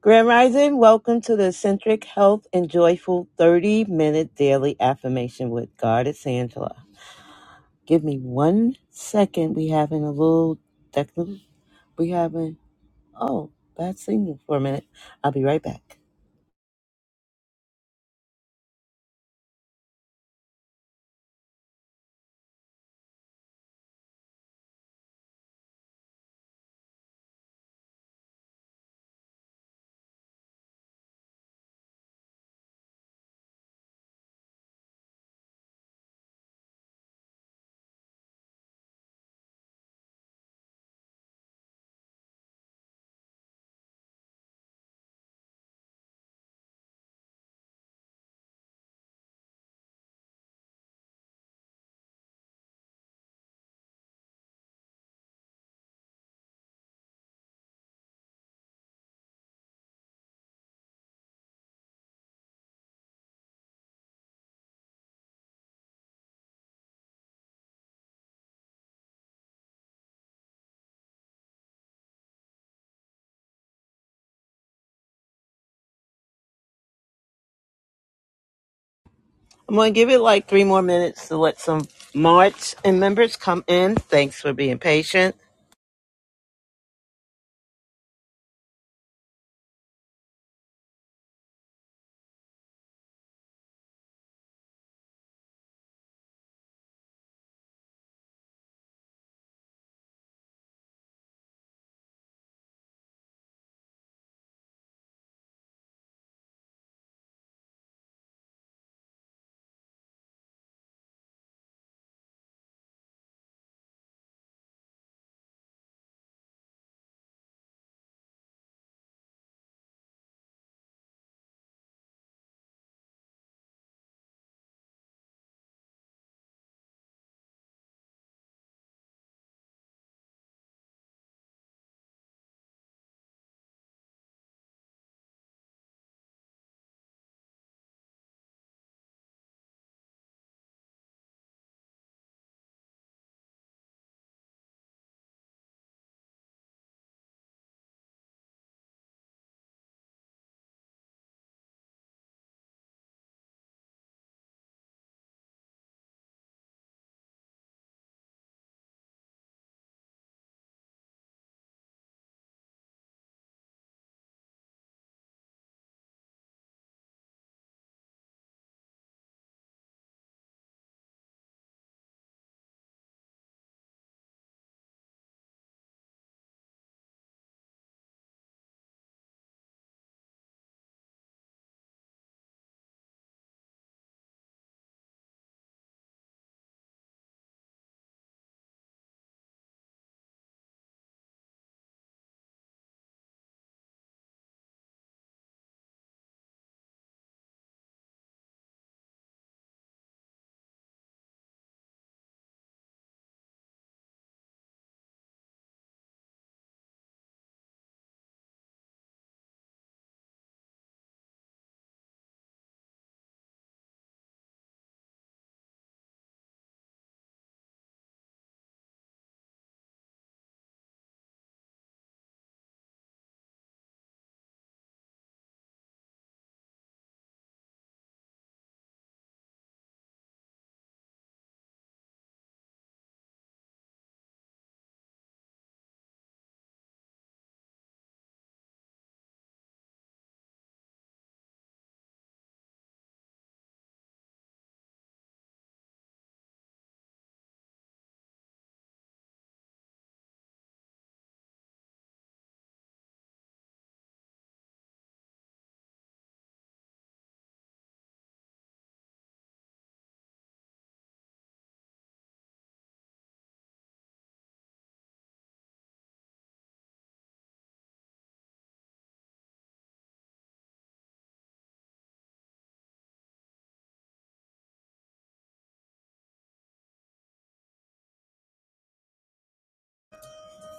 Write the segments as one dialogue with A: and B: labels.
A: Grand Rising, welcome to the Eccentric Health and Joyful 30 minute daily affirmation with Goddess Angela. Give me one second. We having a little technical. We having, oh, bad signal for a minute. I'll be right back. I'm going to give it like three more minutes to let some March and members come in. Thanks for being patient.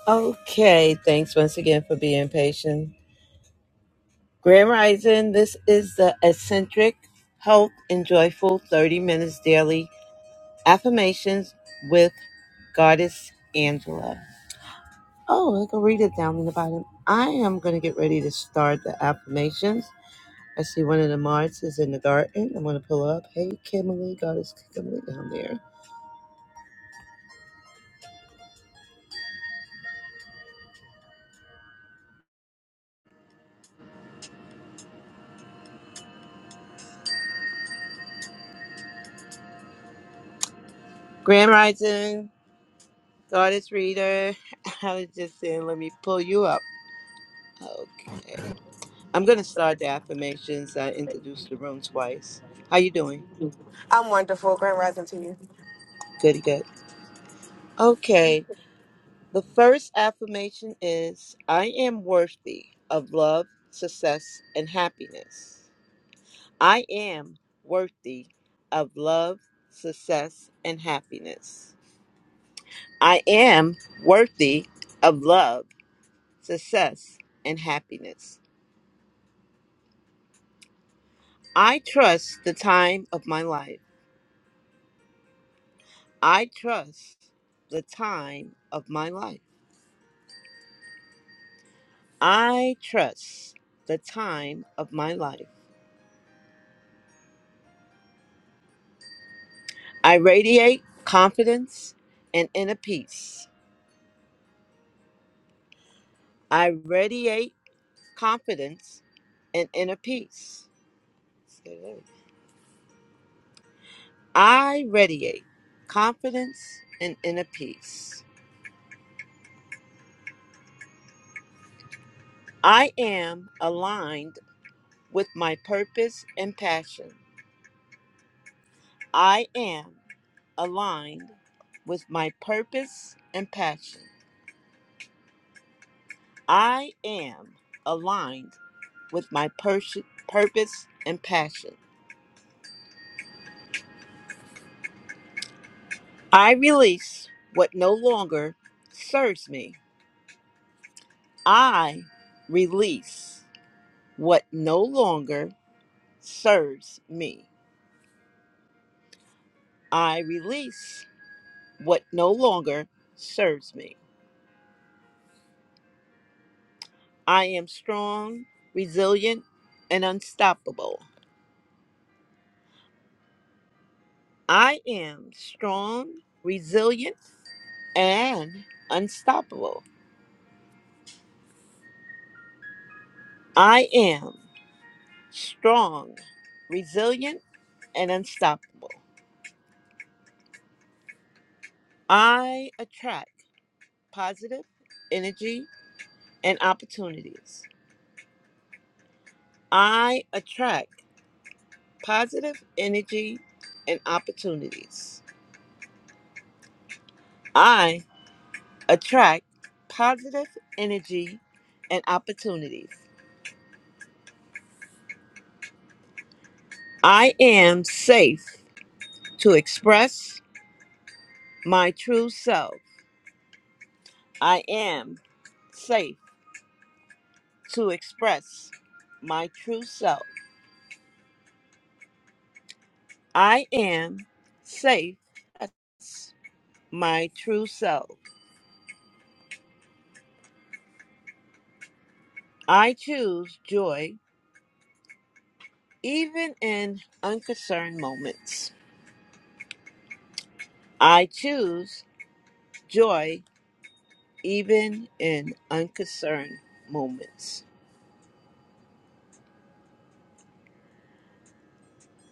A: Okay, thanks once again for being patient. Grand Rising, this is the Eccentric Health and Joyful 30 minutes daily Affirmations with Goddess Angela. Oh, I can read it down in the bottom. I am going to get ready to start the affirmations. I see one of the Marts is in the garden. I'm going to pull up. Hey, Kimberly, Goddess Kimberly down there. Grand Rising, Goddess Reader. I was just saying, let me pull you up. Okay. I'm going to start the affirmations. I introduced the room twice. How you doing?
B: I'm wonderful. Grand rising to you.
A: Goody, good. Okay. The first affirmation is I am worthy of love, success, and happiness. I am worthy of love, success, and happiness. I am worthy of love, success, and happiness. I trust the time of my life. I trust the time of my life. I trust the time of my life. I radiate confidence and inner peace. I radiate confidence and inner peace. I radiate confidence and inner peace. I am aligned with my purpose and passion. I am aligned with my purpose and passion. I am aligned with my pers- purpose and passion. I release what no longer serves me. I release what no longer serves me. I release what no longer serves me. I am strong, resilient, and unstoppable. I am strong, resilient, and unstoppable. I am strong, resilient, and unstoppable. I attract. positive energy and opportunities. I attract positive energy and opportunities. I attract positive energy and opportunities. I am safe to express my true self. I am safe to express my true self. I am safe. to express My true self. I choose joy Even in unconcerned moments, I choose joy even in unconcerned moments.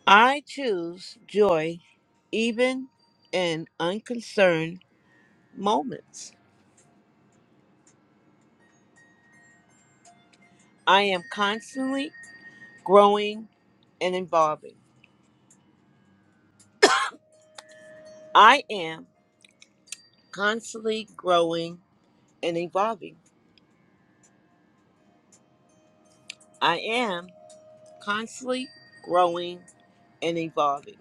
A: I choose joy even in unconcerned moments. I am constantly growing and evolving. I am constantly growing and evolving. I am constantly growing and evolving.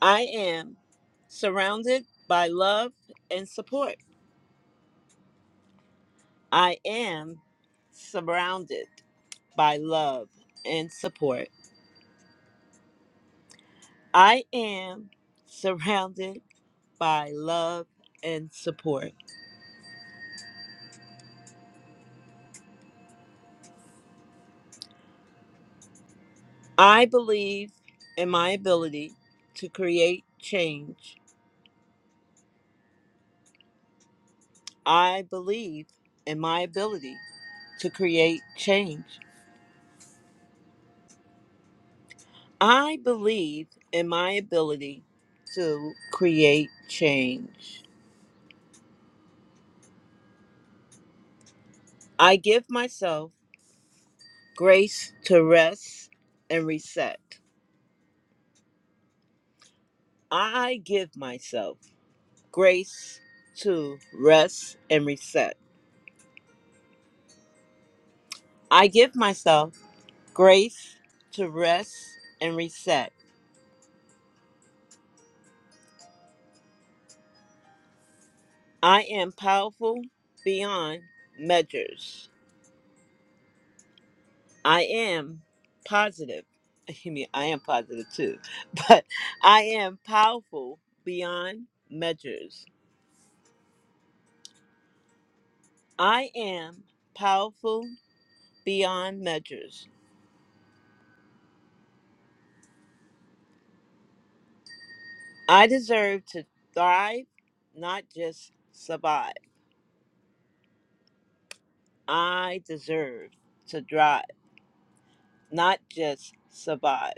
A: I am surrounded by love and support. I am surrounded by love and support. I am surrounded by love and support. I believe in my ability to create change. I believe in my ability to create change. I believe in my ability to create change. I give myself grace to rest and reset. I give myself grace to rest and reset. I give myself grace to rest and reset. I am powerful beyond measures. I am positive. I mean, I am positive too, but I am powerful beyond measures. I am powerful beyond measures. I deserve to thrive, not just survive. I deserve to thrive, not just survive.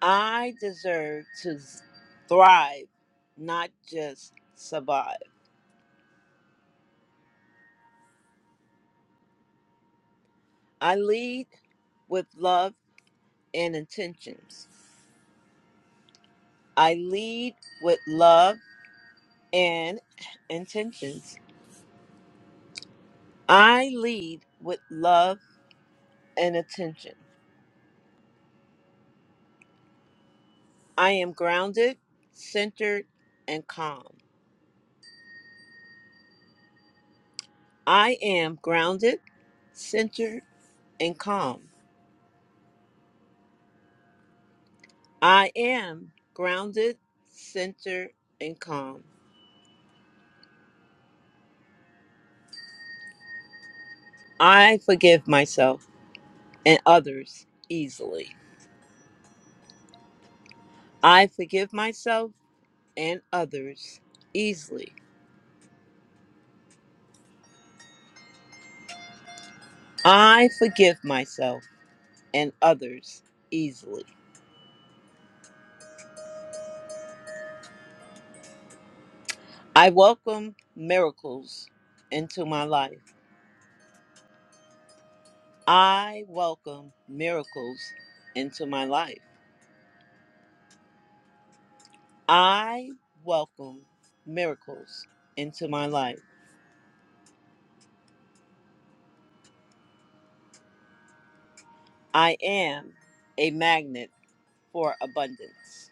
A: I deserve to s- thrive, not just survive. I lead with love and intentions. I lead with love and intentions. I lead with love and attention. I am grounded, centered, and calm. I am grounded, centered, and calm. I am grounded, centered, and calm. I forgive myself and others easily. I forgive myself and others easily. I forgive myself and others easily. I welcome miracles into my life. I welcome miracles into my life. I welcome miracles into my life. I am a magnet for abundance.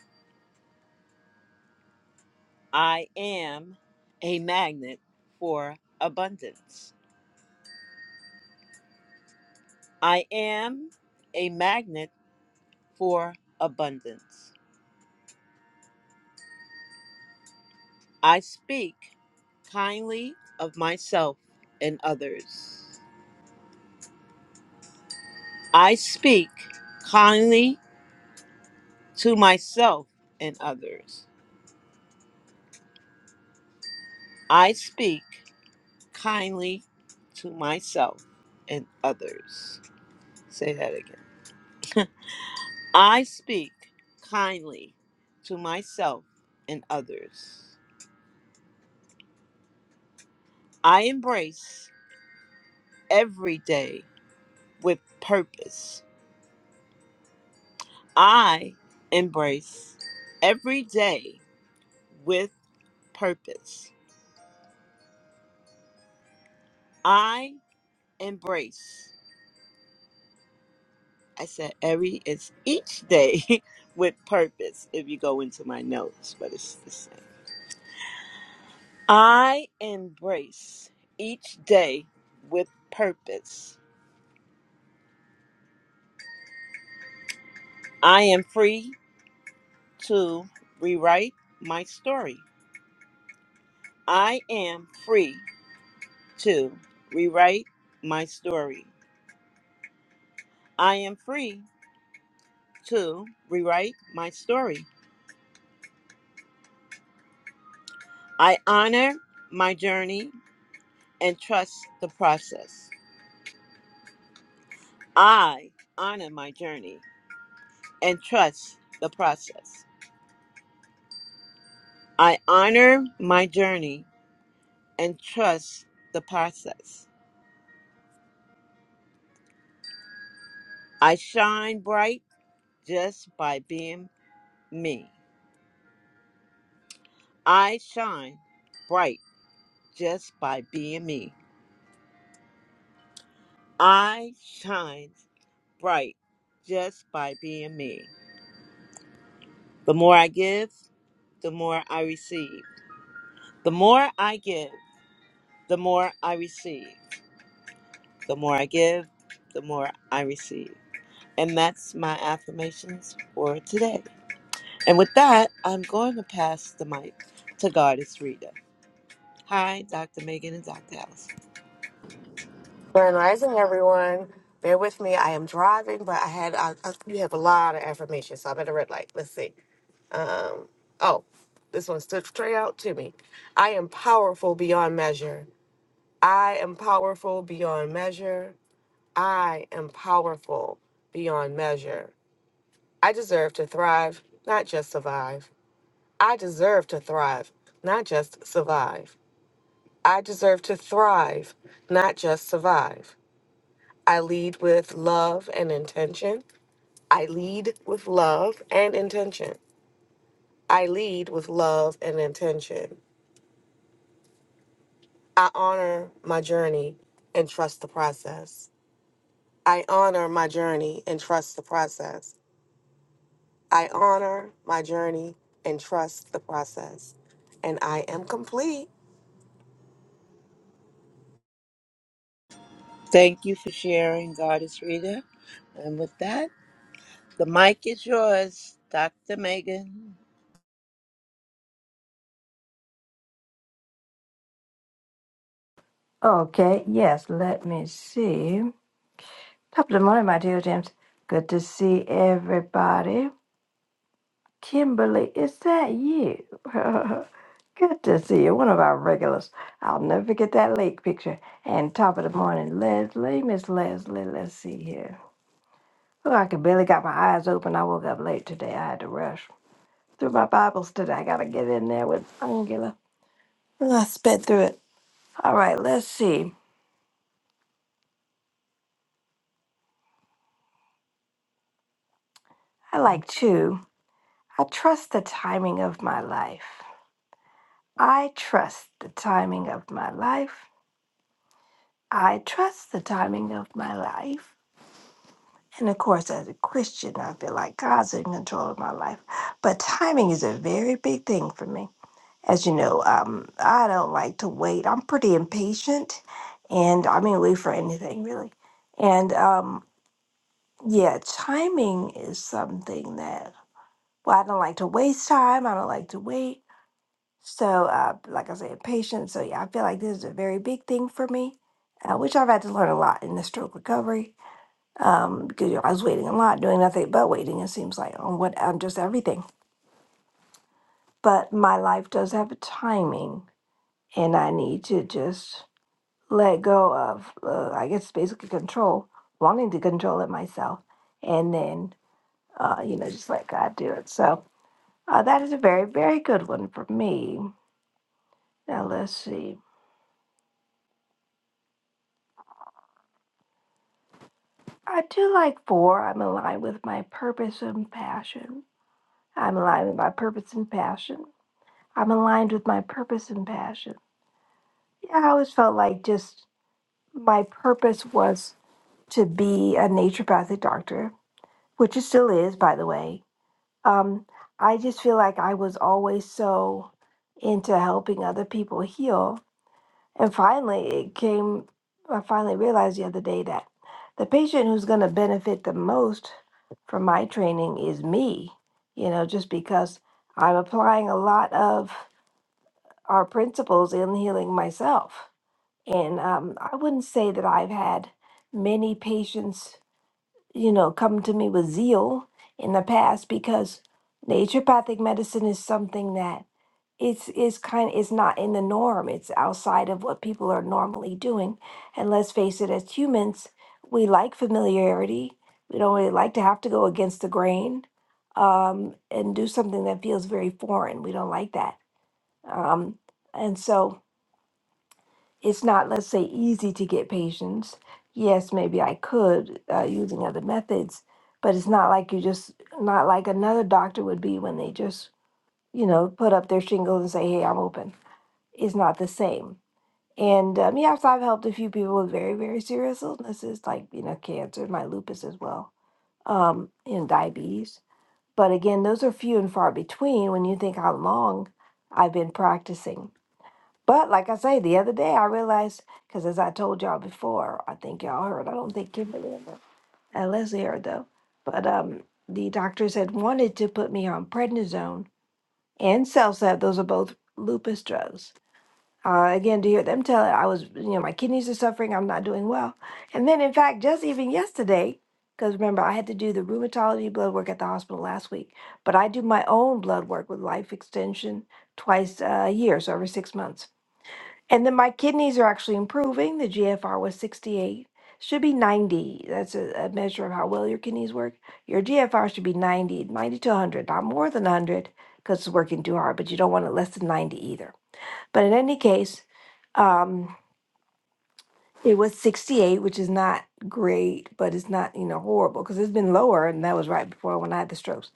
A: I am a magnet for abundance. I am a magnet for abundance. I speak kindly of myself and others. I speak kindly to myself and others. I speak kindly to myself and others. Say that again. I speak kindly to myself and others. I embrace every day with purpose. I embrace every day with purpose. I embrace. I said every it's each day with purpose if you go into my notes, but it's the same. I embrace each day with purpose. I am free to rewrite my story. I am free to rewrite my story. I am free to rewrite my story. I honor my journey and trust the process. I honor my journey and trust the process. I honor my journey and trust the process. I shine bright just by being me. I shine bright just by being me. I shine bright just by being me. The more I give, the more I receive. The more I give, the more I receive. The more I give, the more I receive. And that's my affirmations for today. And with that, I'm going to pass the mic to Goddess Rita. Hi, Dr. Megan and Dr. Allison.
B: Grand rising, everyone. Bear with me. I am driving, but I had I, I, you have a lot of affirmations, so I'm at a red light. Let's see. Um, oh, this one stood straight out to me. I am powerful beyond measure. I am powerful beyond measure. I am powerful beyond measure. I deserve to thrive, not just survive. I deserve to thrive, not just survive. I deserve to thrive, not just survive. I lead with love and intention. I lead with love and intention. I lead with love and intention. I honor my journey and trust the process. I honor my journey and trust the process. I honor my journey and trust the process. And I am complete.
A: Thank you for sharing, Goddess Rita. And with that, the mic is yours, Dr. Megan.
C: Okay, yes, let me see. Top of the morning, my dear James. Good to see everybody. Kimberly, is that you? Good to see you. One of our regulars. I'll never forget that lake picture. And top of the morning, Leslie, Miss Leslie, let's see here. Oh, I could barely got my eyes open. I woke up late today. I had to rush through my Bible study. I gotta get in there with Angela. Oh, I sped through it. All right, let's see. I like chew. I trust the timing of my life. I trust the timing of my life. I trust the timing of my life. And of course, as a Christian, I feel like God's in control of my life. But timing is a very big thing for me. As you know, um, I don't like to wait. I'm pretty impatient, and I mean, wait for anything really. And um, yeah, timing is something that, well, I don't like to waste time. I don't like to wait. So, uh, like I said, patience. So, yeah, I feel like this is a very big thing for me, uh, which I've had to learn a lot in the stroke recovery um, because you know, I was waiting a lot, doing nothing but waiting, it seems like, on what I'm just everything. But my life does have a timing, and I need to just let go of, uh, I guess, basically control, wanting to control it myself, and then, uh, you know, just let God do it. So, uh, that is a very, very good one for me. Now, let's see. I do like four. I'm aligned with my purpose and passion. I'm aligned with my purpose and passion. I'm aligned with my purpose and passion. Yeah, I always felt like just my purpose was to be a naturopathic doctor, which it still is, by the way. Um, I just feel like I was always so into helping other people heal And finally, it came, I finally realized the other day that the patient who's going to benefit the most from my training is me, you know, just because I'm applying a lot of our principles in healing myself. And um, I wouldn't say that I've had many patients, you know, come to me with zeal in the past because naturopathic medicine is something that it's is kind It's not in the norm. It's outside of what people are normally doing. And let's face it, as humans, we like familiarity. We don't really like to have to go against the grain um, and do something that feels very foreign. We don't like that. Um, and so it's not, let's say, easy to get patients. Yes, maybe I could uh, using other methods, but it's not like you just not like another doctor would be when they just you know put up their shingles and say, "Hey, I'm open." is not the same. And um, yeah, so I've helped a few people with very, very serious illnesses like, you know, cancer, my lupus as well, um, and diabetes. But again, those are few and far between when you think how long I've been practicing. But like I say, the other day I realized, because as I told y'all before, I think y'all heard, I don't think Kimberly ever, uh, Leslie heard though, but um, the doctors had wanted to put me on prednisone and Celsep. Those are both lupus drugs uh, again, to hear them tell it, I was, you know, my kidneys are suffering, I'm not doing well. And then, in fact, just even yesterday, because remember, I had to do the rheumatology blood work at the hospital last week, but I do my own blood work with life extension twice a year, so every six months. And then my kidneys are actually improving. The GFR was 68, should be 90. That's a, a measure of how well your kidneys work. Your GFR should be 90, 90 to 100, not more than 100 because it's working too hard, but you don't want it less than 90 either. But in any case, um, it was 68, which is not great, but it's not, you know, horrible because it's been lower. And that was right before when I had the strokes.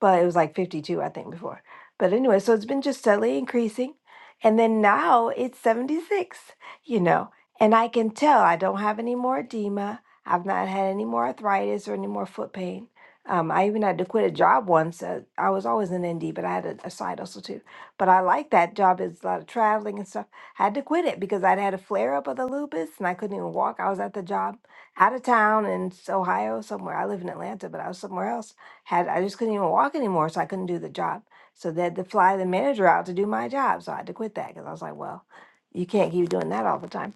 C: But it was like 52, I think, before. But anyway, so it's been just steadily increasing. And then now it's 76, you know, and I can tell I don't have any more edema. I've not had any more arthritis or any more foot pain. Um, I even had to quit a job once. Uh, I was always an ND, but I had a, a side hustle too. But I like that job. It's a lot of traveling and stuff had to quit it because I'd had a flare up of the lupus and I couldn't even walk. I was at the job out of town in s- Ohio somewhere. I live in Atlanta, but I was somewhere else. Had I just couldn't even walk anymore, so I couldn't do the job. So they had to fly the manager out to do my job. So I had to quit that because I was like, well, you can't keep doing that all the time.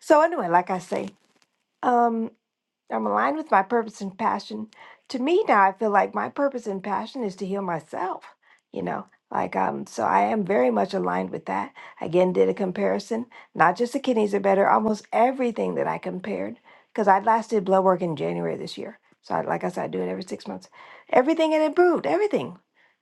C: So anyway, like I say, um, I'm aligned with my purpose and passion. To me now, I feel like my purpose and passion is to heal myself. You know, like um, so I am very much aligned with that. Again, did a comparison. Not just the kidneys are better. Almost everything that I compared, because I last did blood work in January this year. So, I, like I said, I do it every six months. Everything had improved. Everything,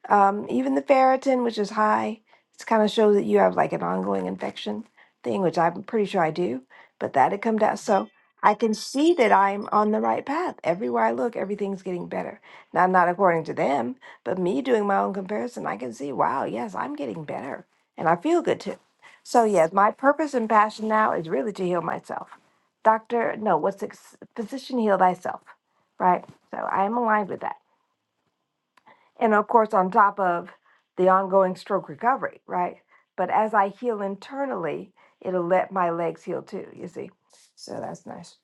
C: um, even the ferritin, which is high. It's kind of shows that you have like an ongoing infection thing, which I'm pretty sure I do. But that had come down. So. I can see that I'm on the right path. Everywhere I look, everything's getting better. Now, not according to them, but me doing my own comparison, I can see, wow, yes, I'm getting better. And I feel good too. So, yes, my purpose and passion now is really to heal myself. Doctor, no, what's it? Physician, heal thyself, right? So I am aligned with that. And of course, on top of the ongoing stroke recovery, right? But as I heal internally, it'll let my legs heal too, you see? So that's nice.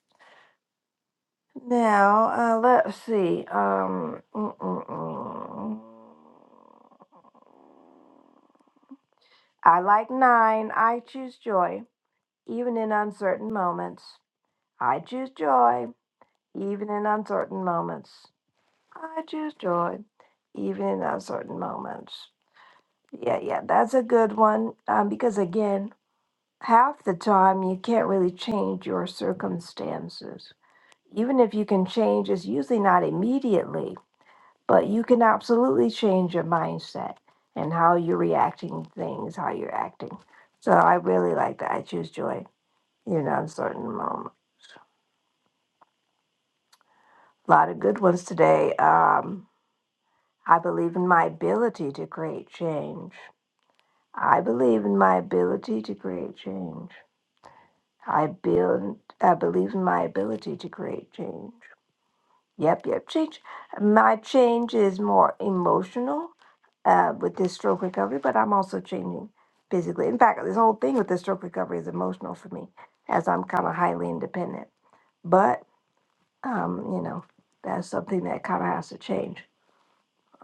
C: Now, uh, let's see. Um, mm, mm, mm. I like nine. I choose joy, even in uncertain moments. I choose joy, even in uncertain moments. I choose joy, even in uncertain moments. Yeah, yeah, that's a good one. Um, because again, half the time you can't really change your circumstances. Even if you can change, it's usually not immediately. but you can absolutely change your mindset and how you're reacting to things, how you're acting. So I really like that. I choose joy in an uncertain moment. A lot of good ones today. Um, I believe in my ability to create change. I believe in my ability to create change. I build. I believe in my ability to create change. Yep, yep. Change. My change is more emotional uh, with this stroke recovery, but I'm also changing physically. In fact, this whole thing with the stroke recovery is emotional for me, as I'm kind of highly independent. But um, you know, that's something that kind of has to change.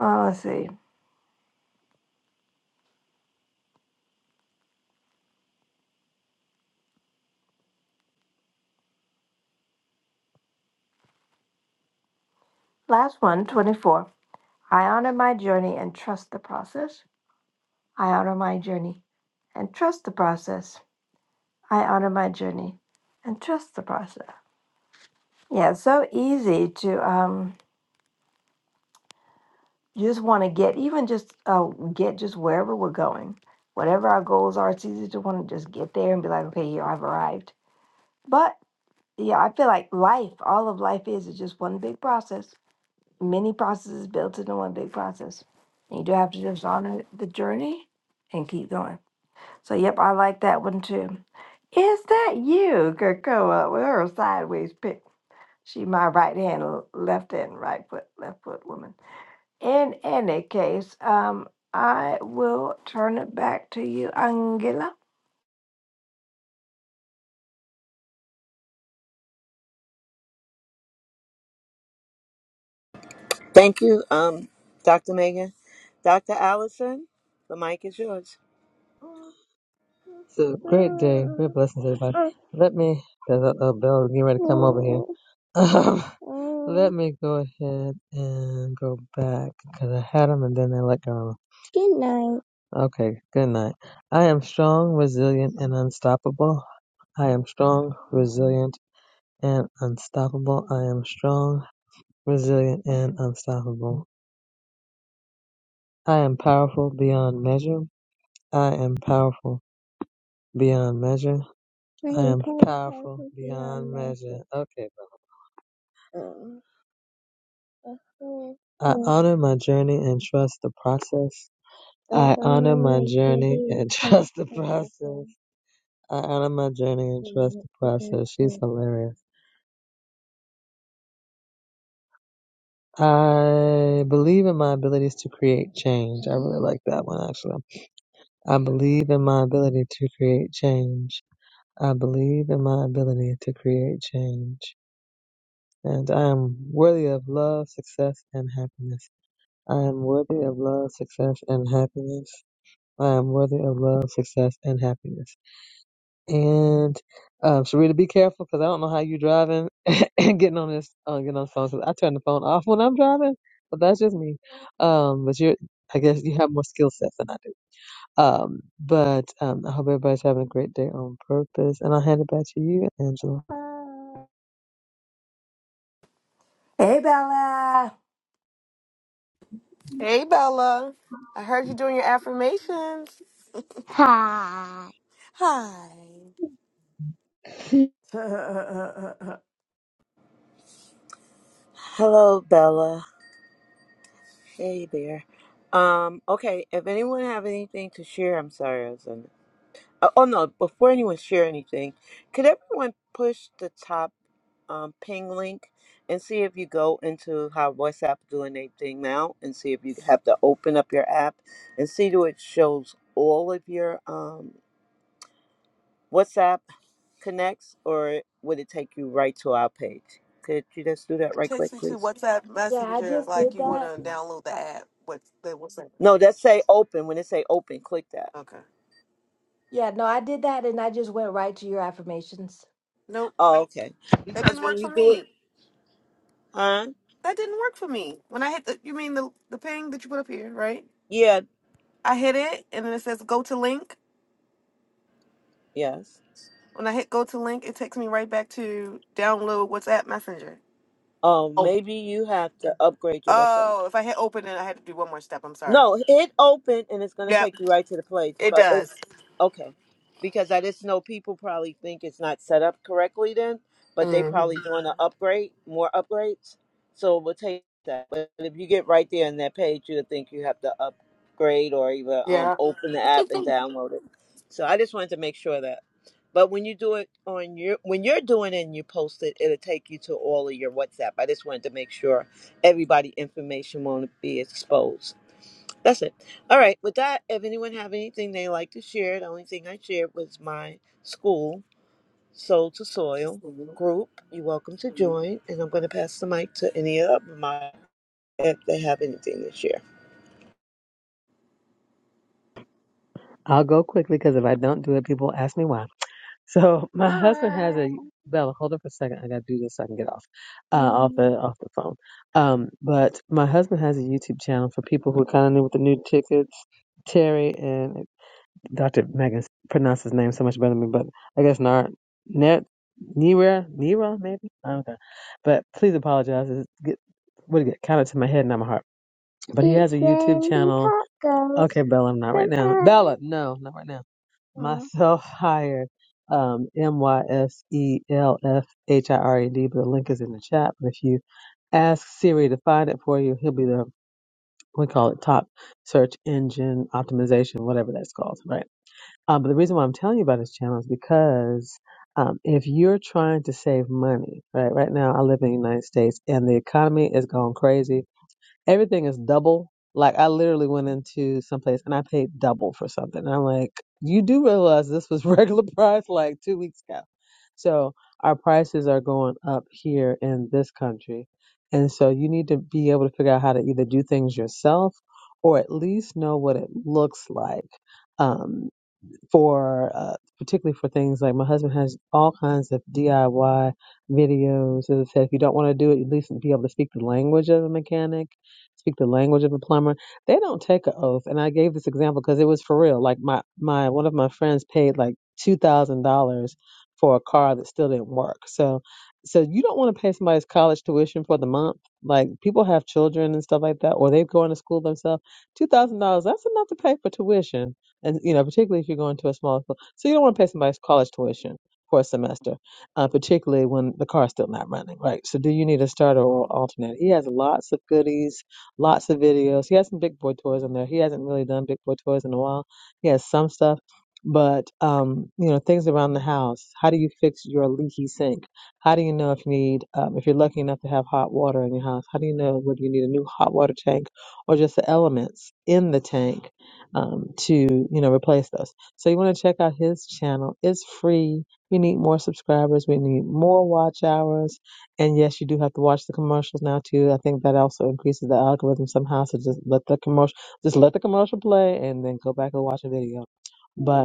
C: Uh, let's see. Last one, 24. I honor my journey and trust the process. I honor my journey and trust the process. I honor my journey and trust the process. Yeah, it's so easy to um You just want to get even just uh, get just wherever we're going, whatever our goals are. It's easy to want to just get there and be like, okay, yeah, I've arrived. But yeah, I feel like life, all of life is is just one big process. Many processes built into one big process. And you do have to just honor the journey and keep going. So yep, I like that one too. Is that you, Krakoa, with her sideways pick? She my right hand, left hand, right foot, left foot woman. In any case, um, I will turn it back to you, Angela.
A: Thank you, um, Dr. Megan. Dr. Allison, the mic is yours.
D: It's a great day. Great blessings, everybody. Let me, there's a, a bell getting ready to come over here. Um, let me go ahead and go back because I had them and then I let go. Good night. Okay, good night. I am strong, resilient, and unstoppable. I am strong, resilient, and unstoppable. I am strong, resilient, and unstoppable. I am powerful beyond measure. I am powerful beyond measure. I am powerful beyond measure. Okay, Bella. I honor my journey and trust the process. I honor my journey and trust the process. I honor my journey and trust the process. She's hilarious. I believe in my abilities to create change. I really like that one actually. I believe in my ability to create change. I believe in my ability to create change. And I am worthy of love, success, and happiness. I am worthy of love, success, and happiness. I am worthy of love, success, and happiness. And um, Sharita, be careful because I don't know how you driving and getting on this, uh, getting on the phone. 'cause I turn the phone off when I'm driving, but that's just me. Um, but you're, I guess you have more skill sets than I do. Um, but um, I hope everybody's having a great day on purpose. And I'll hand it back to you, Angela.
C: Hey, Bella.
B: Hey, Bella. I heard you doing your affirmations.
D: Hi.
B: Hi.
A: Hello, Bella. Hey there. Um, okay, if anyone have anything to share, I'm sorry, I was on. Uh, oh no! Before anyone share anything, could everyone push the top um, ping link and see if you go into how WhatsApp doing their thing now, and see if you have to open up your app and see do it shows all of your um, WhatsApp connects, or would it take you right to our page? Could you just do that
B: It
A: right
B: takes
A: quick,
B: me to
A: please?
B: WhatsApp
C: Yeah, I
B: Messenger,
C: just
B: like
C: did
B: you want
C: that.
B: to download the
C: Uh,
B: app. What's the WhatsApp?
A: No, that say open. When it say open, click that.
B: Okay.
C: yeah, no, I did that and I just went right to your affirmations.
B: Nope.
A: Oh, okay.
B: That
A: Because
B: didn't work
A: when you
B: for
A: do it,
B: me.
A: huh?
B: That didn't work for me. When I hit the, you mean the the ping that you put up here, right?
A: Yeah.
B: I hit it, and then it says go to link.
A: Yes.
B: When I hit go to link, it takes me right back to download WhatsApp Messenger.
A: Oh,
B: Oh.
A: maybe you have to upgrade your WhatsApp.
B: Oh, if I hit open it, I had to do one more step. I'm sorry.
A: No, hit open and it's going to
B: Yep,
A: take you right to the place.
B: it
A: But if
B: does.
A: Okay. Because I just know people probably think it's not set up correctly then, but they probably
B: hmm
A: doing an upgrade, more upgrades. So we'll take that. But if you get right there on that page, you'll think you have to upgrade or even um,
B: Yeah.
A: open the app and download it. So I just wanted to make sure that. But when you do it on your, when you're doing it and you post it, it'll take you to all of your WhatsApp. I just wanted to make sure everybody information won't be exposed. That's it. All right. With that, if anyone have anything they like to share, the only thing I shared was my school, Soul to Soil
B: oh,
A: group. You're welcome to join. And I'm going to pass the mic to any of my if they have anything to share.
D: I'll go quickly because if I don't do it, people ask me why. So my husband has a Bella. Hold on for a second. I gotta do this so I can get off uh, off the off the phone. Um, but my husband has a YouTube channel for people who are kind of new with the new tickets. Terry and Dr. Megan pronounced his name so much better than me, but I guess not Net Nira Nira maybe I don't know. But please apologize. It's get what it get counted to my head, not my heart. But he has a YouTube channel. Okay, Bella, not right now. Bella, no, not right now. Myself hired. Um, M Y S E L F H I R E D, but the link is in the chat. But if you ask Siri to find it for you, he'll be the we call it top search engine optimization, whatever that's called, right? Um, but the reason why I'm telling you about his channel is because um, if you're trying to save money, right? Right now, I live in the United States, and the economy is going crazy Everything is double. Like I literally went into some place and I paid double for something. And I'm like, you do realize this was regular price like two weeks ago. So our prices are going up here in this country. And so you need to be able to figure out how to either do things yourself or at least know what it looks like. Um, for uh, particularly for things like my husband has all kinds of DIY videos that said if you don't want to do it, at least be able to speak the language of a mechanic, speak the language of a plumber. They don't take an oath, and I gave this example because it was for real. Like my my one of my friends paid like two thousand dollars for a car that still didn't work. So so you don't want to pay somebody's college tuition for the month. Like people have children and stuff like that, or they're going to school themselves. Two thousand dollars that's enough to pay for tuition and you know, particularly if you're going to a small school, so you don't want to pay somebody's college tuition for a semester, uh, particularly when the car's still not running, right? So, do you need a starter or alternate? He has lots of goodies, lots of videos. He has some big boy toys on there. He hasn't really done big boy toys in a while. He has some stuff, but um, you know, things around the house. How do you fix your leaky sink? How do you know if you need, um, if you're lucky enough to have hot water in your house? How do you know whether you need a new hot water tank or just the elements in the tank? um, to you know replace those. So you want to check out his channel. It's free. We need more subscribers. We need more watch hours. And yes, you do have to watch the commercials now too. I think that also increases the algorithm somehow. So just let the commercial, just let the commercial play, and then go back and watch a video. But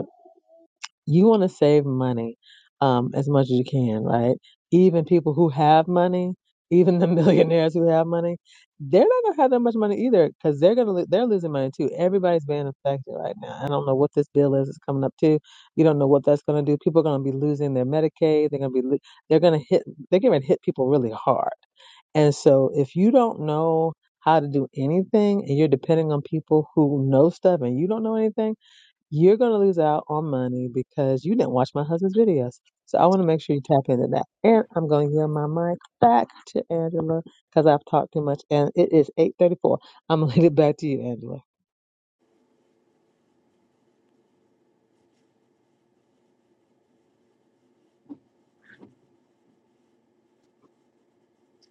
D: you want to save money um, as much as you can, right? Even people who have money, even the millionaires who have money, they're not gonna have that much money either because they're gonna lo- they're losing money too. Everybody's being affected right now. I don't know what this bill is It's coming up to. You don't know what that's gonna do. People are gonna be losing their Medicaid. They're gonna be lo- they're gonna hit they're gonna hit people really hard. And so if you don't know how to do anything and you're depending on people who know stuff and you don't know anything you're going to lose out on money because you didn't watch my husband's videos. So I want to make sure you tap into that. And I'm going to give my mic back to Angela because I've talked too much. And it is 8:34. I'm going to leave it back to you, Angela.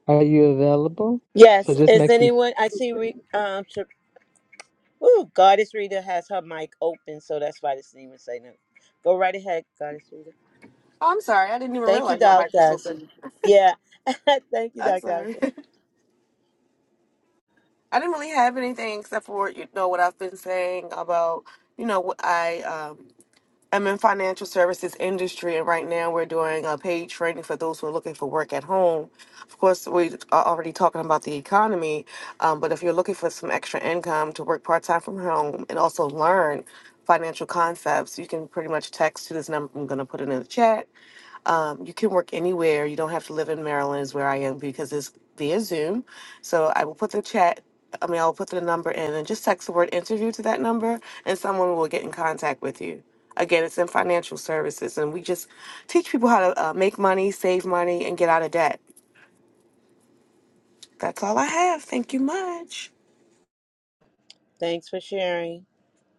D: Are you available? So
A: Yes.
D: just
A: Is
D: make sure.
A: anyone? I see. Re, um. Sh- Ooh, Goddess Rita has her mic open, so that's why this didn't even say no. Go right ahead, Goddess Rita.
B: I'm sorry. I didn't even
A: Thank you,
B: realize my mic
A: Dr.
B: was
A: Allison.
B: open.
A: Yeah. Thank you,
B: I'm
A: Dr.
B: sorry.
A: Allison.
B: I didn't really have anything except for you know what I've been saying about you know what I um I'm in financial services industry, and right now we're doing a paid training for those who are looking for work at home. Of course, we are already talking about the economy, um, but if you're looking for some extra income to work part time from home and also learn financial concepts, you can pretty much text to this number. I'm going to put it in the chat. Um, you can work anywhere. You don't have to live in Maryland, is where I am because it's via Zoom. So I will put the chat. I mean, I'll put the number in and just text the word interview to that number, and someone will get in contact with you. Again, it's in financial services, and we just teach people how to uh, make money, save money, and get out of debt. That's all I have. Thank you much.
A: Thanks for sharing.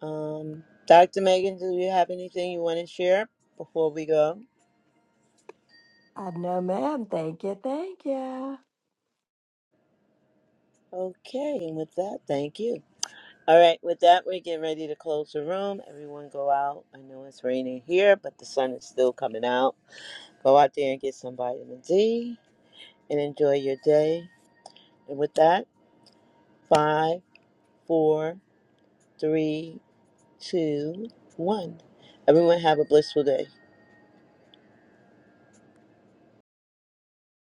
A: Um, Dr. Megan, do you have anything you want to share before we go?
C: I know, ma'am. Thank you. Thank you.
A: Okay. And with that, thank you. All right. With that, we're getting ready to close the room. Everyone go out. I know it's raining here, but the sun is still coming out. Go out there and get some vitamin D and enjoy your day. And with that, five, four, three, two, one. Everyone have a blissful day.